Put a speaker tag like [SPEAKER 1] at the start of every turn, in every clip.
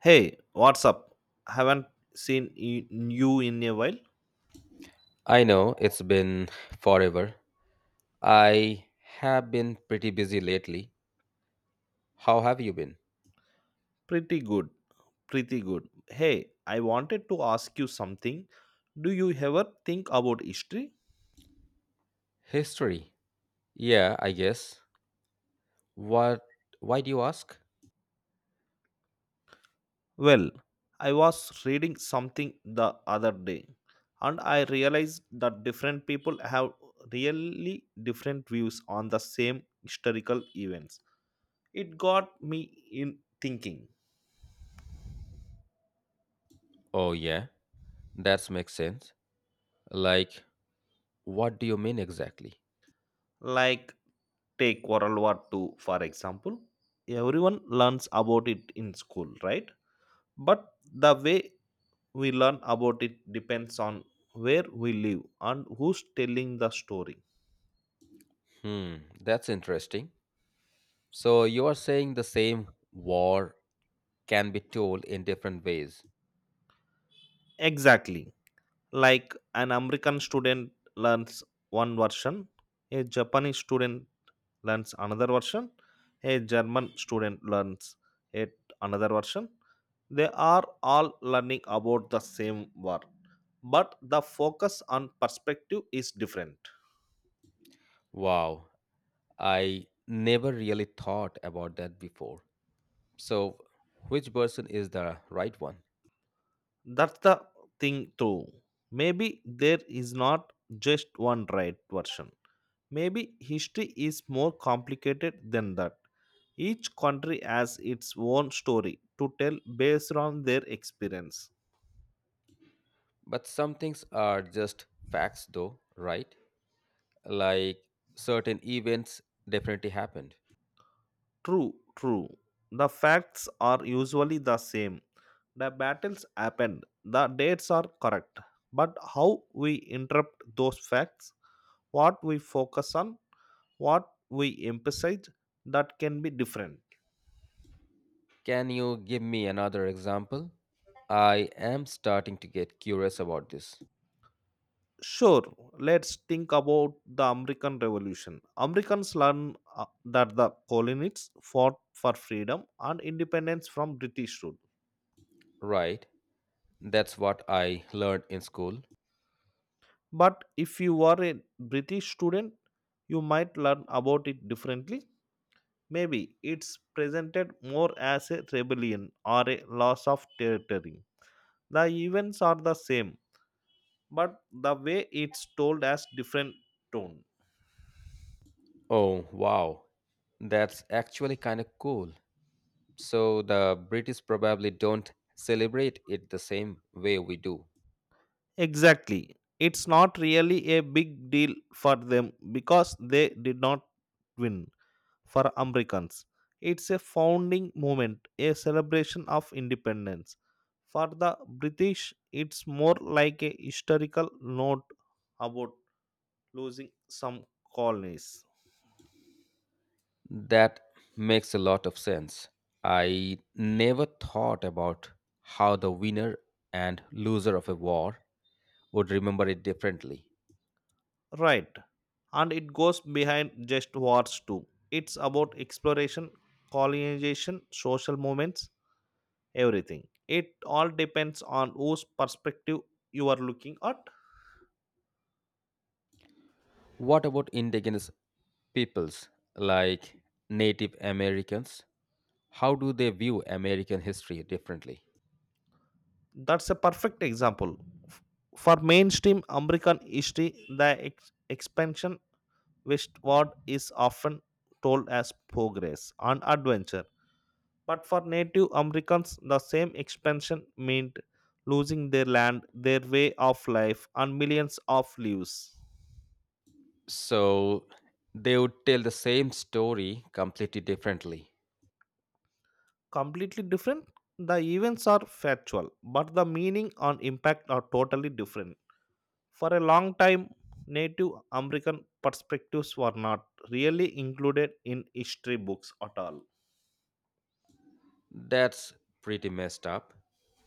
[SPEAKER 1] Hey, what's up? Haven't seen y- you in a while.
[SPEAKER 2] I know it's been forever. I have been pretty busy lately. How have you been?
[SPEAKER 1] Pretty good, pretty good. Hey, I wanted to ask you something. Do you ever think about history?
[SPEAKER 2] History. Yeah, I guess. What Why do you ask?
[SPEAKER 1] Well, I was reading something the other day and I realized that different people have really different views on the same historical events. It got me in thinking.
[SPEAKER 2] Oh yeah, that makes sense. Like, what do you mean exactly?
[SPEAKER 1] Like, take World War II, for example. Everyone learns about it in school, right? But the way we learn about it depends on where we live and who's telling the story.
[SPEAKER 2] Hmm, that's interesting. So you are saying the same war can be told in different ways.
[SPEAKER 1] Exactly. Like an American student learns one version, a Japanese student learns another version, a German student learns yet another version. They are all learning about the same war, but the focus on perspective is different.
[SPEAKER 2] Wow, I never really thought about that before. So which person is the right one?
[SPEAKER 1] That's the thing, too. Maybe there is not just one right version. Maybe history is more complicated than that. Each country has its own story to tell based on their experience.
[SPEAKER 2] But some things are just facts, though, right? Like, certain events definitely happened.
[SPEAKER 1] True, true. The facts are usually the same. The battles happened, the dates are correct. But how we interpret those facts, what we focus on, what we emphasize, that can be different.
[SPEAKER 2] Can you give me another example? I am starting to get curious about this.
[SPEAKER 1] Sure, let's think about the American Revolution. Americans learn that the colonists fought for freedom and independence from British rule.
[SPEAKER 2] Right, that's what I learned in school.
[SPEAKER 1] But if you are a British student, you might learn about it differently. Maybe it's presented more as a rebellion or a loss of territory. The events are the same, but the way it's told has different tone.
[SPEAKER 2] Oh, wow, that's actually kind of cool. So the British probably don't celebrate it the same way we do.
[SPEAKER 1] Exactly. It's not really a big deal for them because they did not win. For Americans, it's a founding moment, a celebration of independence. For the British, it's more like a historical note about losing some colonies.
[SPEAKER 2] That makes a lot of sense. I never thought about how the winner and loser of a war would remember it differently.
[SPEAKER 1] Right. And it goes behind just wars too. It's about exploration, colonization, social movements, everything. It all depends on whose perspective you are looking at.
[SPEAKER 2] What about indigenous peoples like Native Americans? How do they view American history differently?
[SPEAKER 1] That's a perfect example. F- For mainstream American history, the expansion westward is often told as progress and adventure. But for Native Americans, the same expansion meant losing their land, their way of life, and millions of lives.
[SPEAKER 2] So they would tell the same story completely differently.
[SPEAKER 1] Completely different? The events are factual, but the meaning and impact are totally different. For a long time, Native American perspectives were not really included in history books at all.
[SPEAKER 2] That's pretty messed up.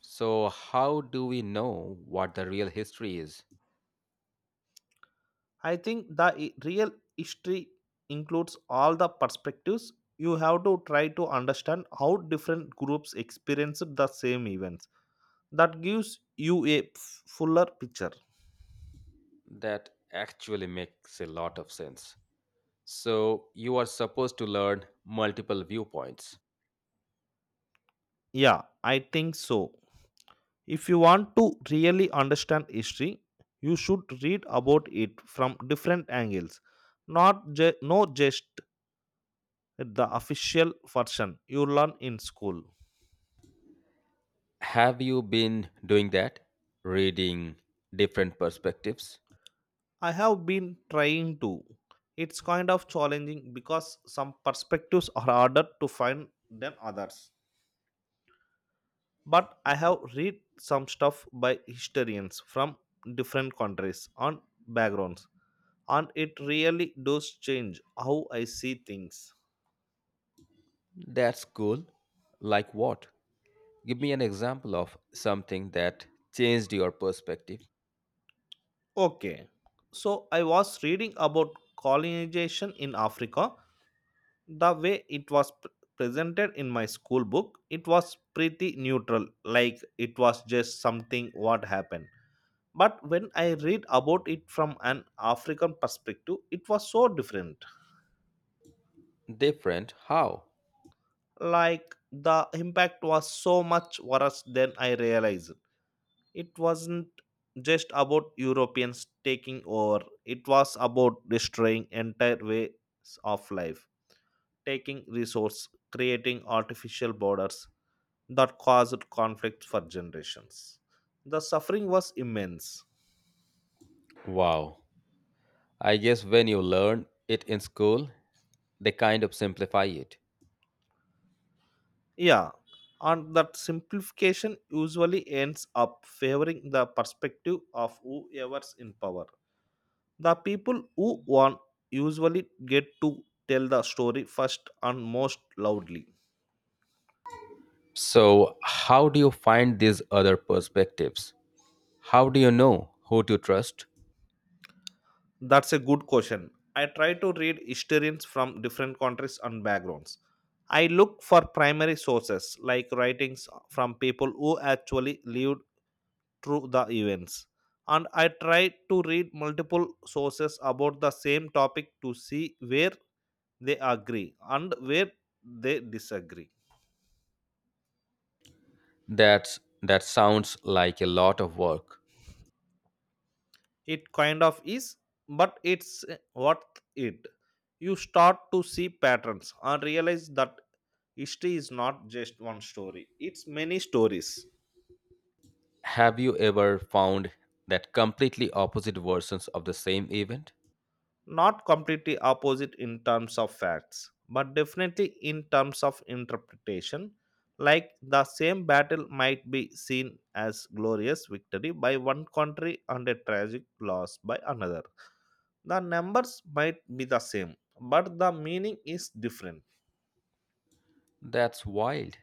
[SPEAKER 2] So, how do we know what the real history is?
[SPEAKER 1] I think the real history includes all the perspectives. You have to try to understand how different groups experienced the same events. That gives you a fuller picture.
[SPEAKER 2] That actually makes a lot of sense. So, you are supposed to learn multiple viewpoints.
[SPEAKER 1] Yeah, I think so. If you want to really understand history, you should read about it from different angles, not just the official version you learn in school.
[SPEAKER 2] Have you been doing that? Reading different perspectives?
[SPEAKER 1] I have been trying to. It's kind of challenging because some perspectives are harder to find than others. But I have read some stuff by historians from different countries and backgrounds, and it really does change how I see things.
[SPEAKER 2] That's cool. Like what? Give me an example of something that changed your perspective.
[SPEAKER 1] Okay, so I was reading about colonization in Africa. The way it was presented in my school book, it was pretty neutral, like it was just something what happened. But when I read about it from an African perspective, it was so different.
[SPEAKER 2] Different? How?
[SPEAKER 1] Like, the impact was so much worse than I realized. It wasn't just about Europeans taking over. It was about destroying entire ways of life, taking resource, creating artificial borders that caused conflict for generations. The suffering was immense.
[SPEAKER 2] Wow. I guess when you learn it in school, they kind of simplify it.
[SPEAKER 1] Yeah, and that simplification usually ends up favoring the perspective of whoever's in power. The people who won usually get to tell the story first and most loudly.
[SPEAKER 2] So, how do you find these other perspectives? How do you know who to trust?
[SPEAKER 1] That's a good question. I try to read historians from different countries and backgrounds. I look for primary sources, like writings from people who actually lived through the events. And I tried to read multiple sources about the same topic to see where they agree and where they disagree.
[SPEAKER 2] That sounds like a lot of work.
[SPEAKER 1] It kind of is, but it's worth it. You start to see patterns and realize that history is not just one story, it's many stories.
[SPEAKER 2] Have you ever found that completely opposite versions of the same event?
[SPEAKER 1] Not completely opposite in terms of facts, but definitely in terms of interpretation. Like the same battle might be seen as glorious victory by one country and a tragic loss by another. The numbers might be the same, but the meaning is different.
[SPEAKER 2] That's wild.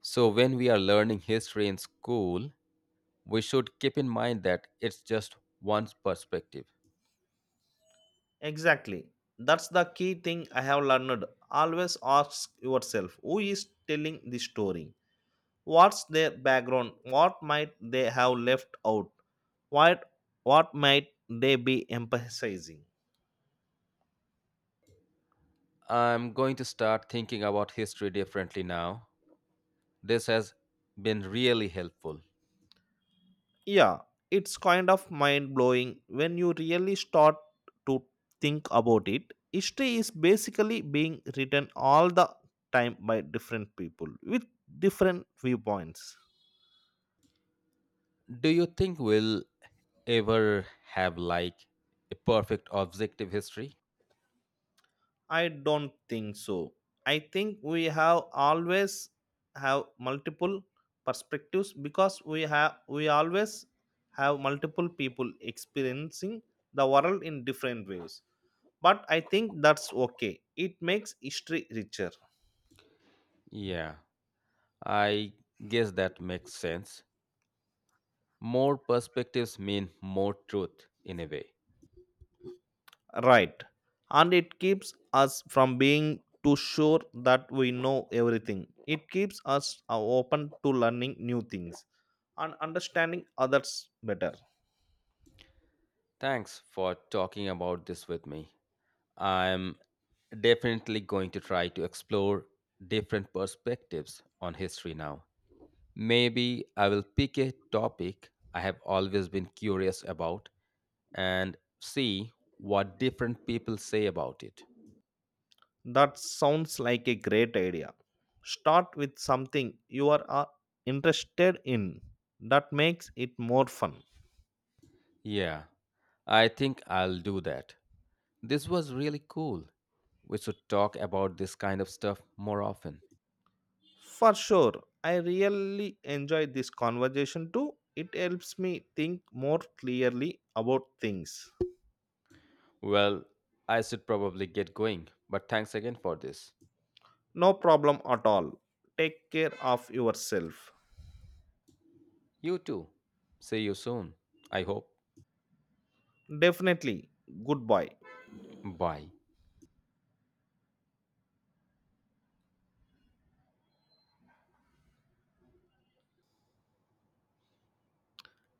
[SPEAKER 2] So when we are learning history in school, we should keep in mind that it's just one perspective.
[SPEAKER 1] Exactly. That's the key thing I have learned. Always ask yourself, who is telling the story? What's their background? What might they have left out? What what might they be emphasizing?
[SPEAKER 2] I'm going to start thinking about history differently now. This has been really helpful.
[SPEAKER 1] Yeah, it's kind of mind blowing when you really start to think about it. History is basically being written all the time by different people with different viewpoints.
[SPEAKER 2] Do you think we'll ever have, like, a perfect objective history?
[SPEAKER 1] I don't think so. I think we have always have multiple perspectives, because we always have multiple people experiencing the world in different ways, but I think that's okay. It makes history richer.
[SPEAKER 2] Yeah, I guess that makes sense. More perspectives mean more truth in a way.
[SPEAKER 1] Right. And it keeps us from being too sure that we know everything. It keeps us open to learning new things and understanding others better.
[SPEAKER 2] Thanks for talking about this with me. I'm definitely going to try to explore different perspectives on history now. Maybe I will pick a topic I have always been curious about and see what different people say about it.
[SPEAKER 1] That sounds like a great idea. Start with something you are interested in. That makes it more fun.
[SPEAKER 2] Yeah, I think I'll do that. This was really cool. We should talk about this kind of stuff more often.
[SPEAKER 1] For sure. I really enjoyed this conversation too. It helps me think more clearly about things.
[SPEAKER 2] Well, I should probably get going, but thanks again for this.
[SPEAKER 1] No problem at all. Take care of yourself.
[SPEAKER 2] You too. See you soon. I hope.
[SPEAKER 1] Definitely. Goodbye.
[SPEAKER 2] Bye.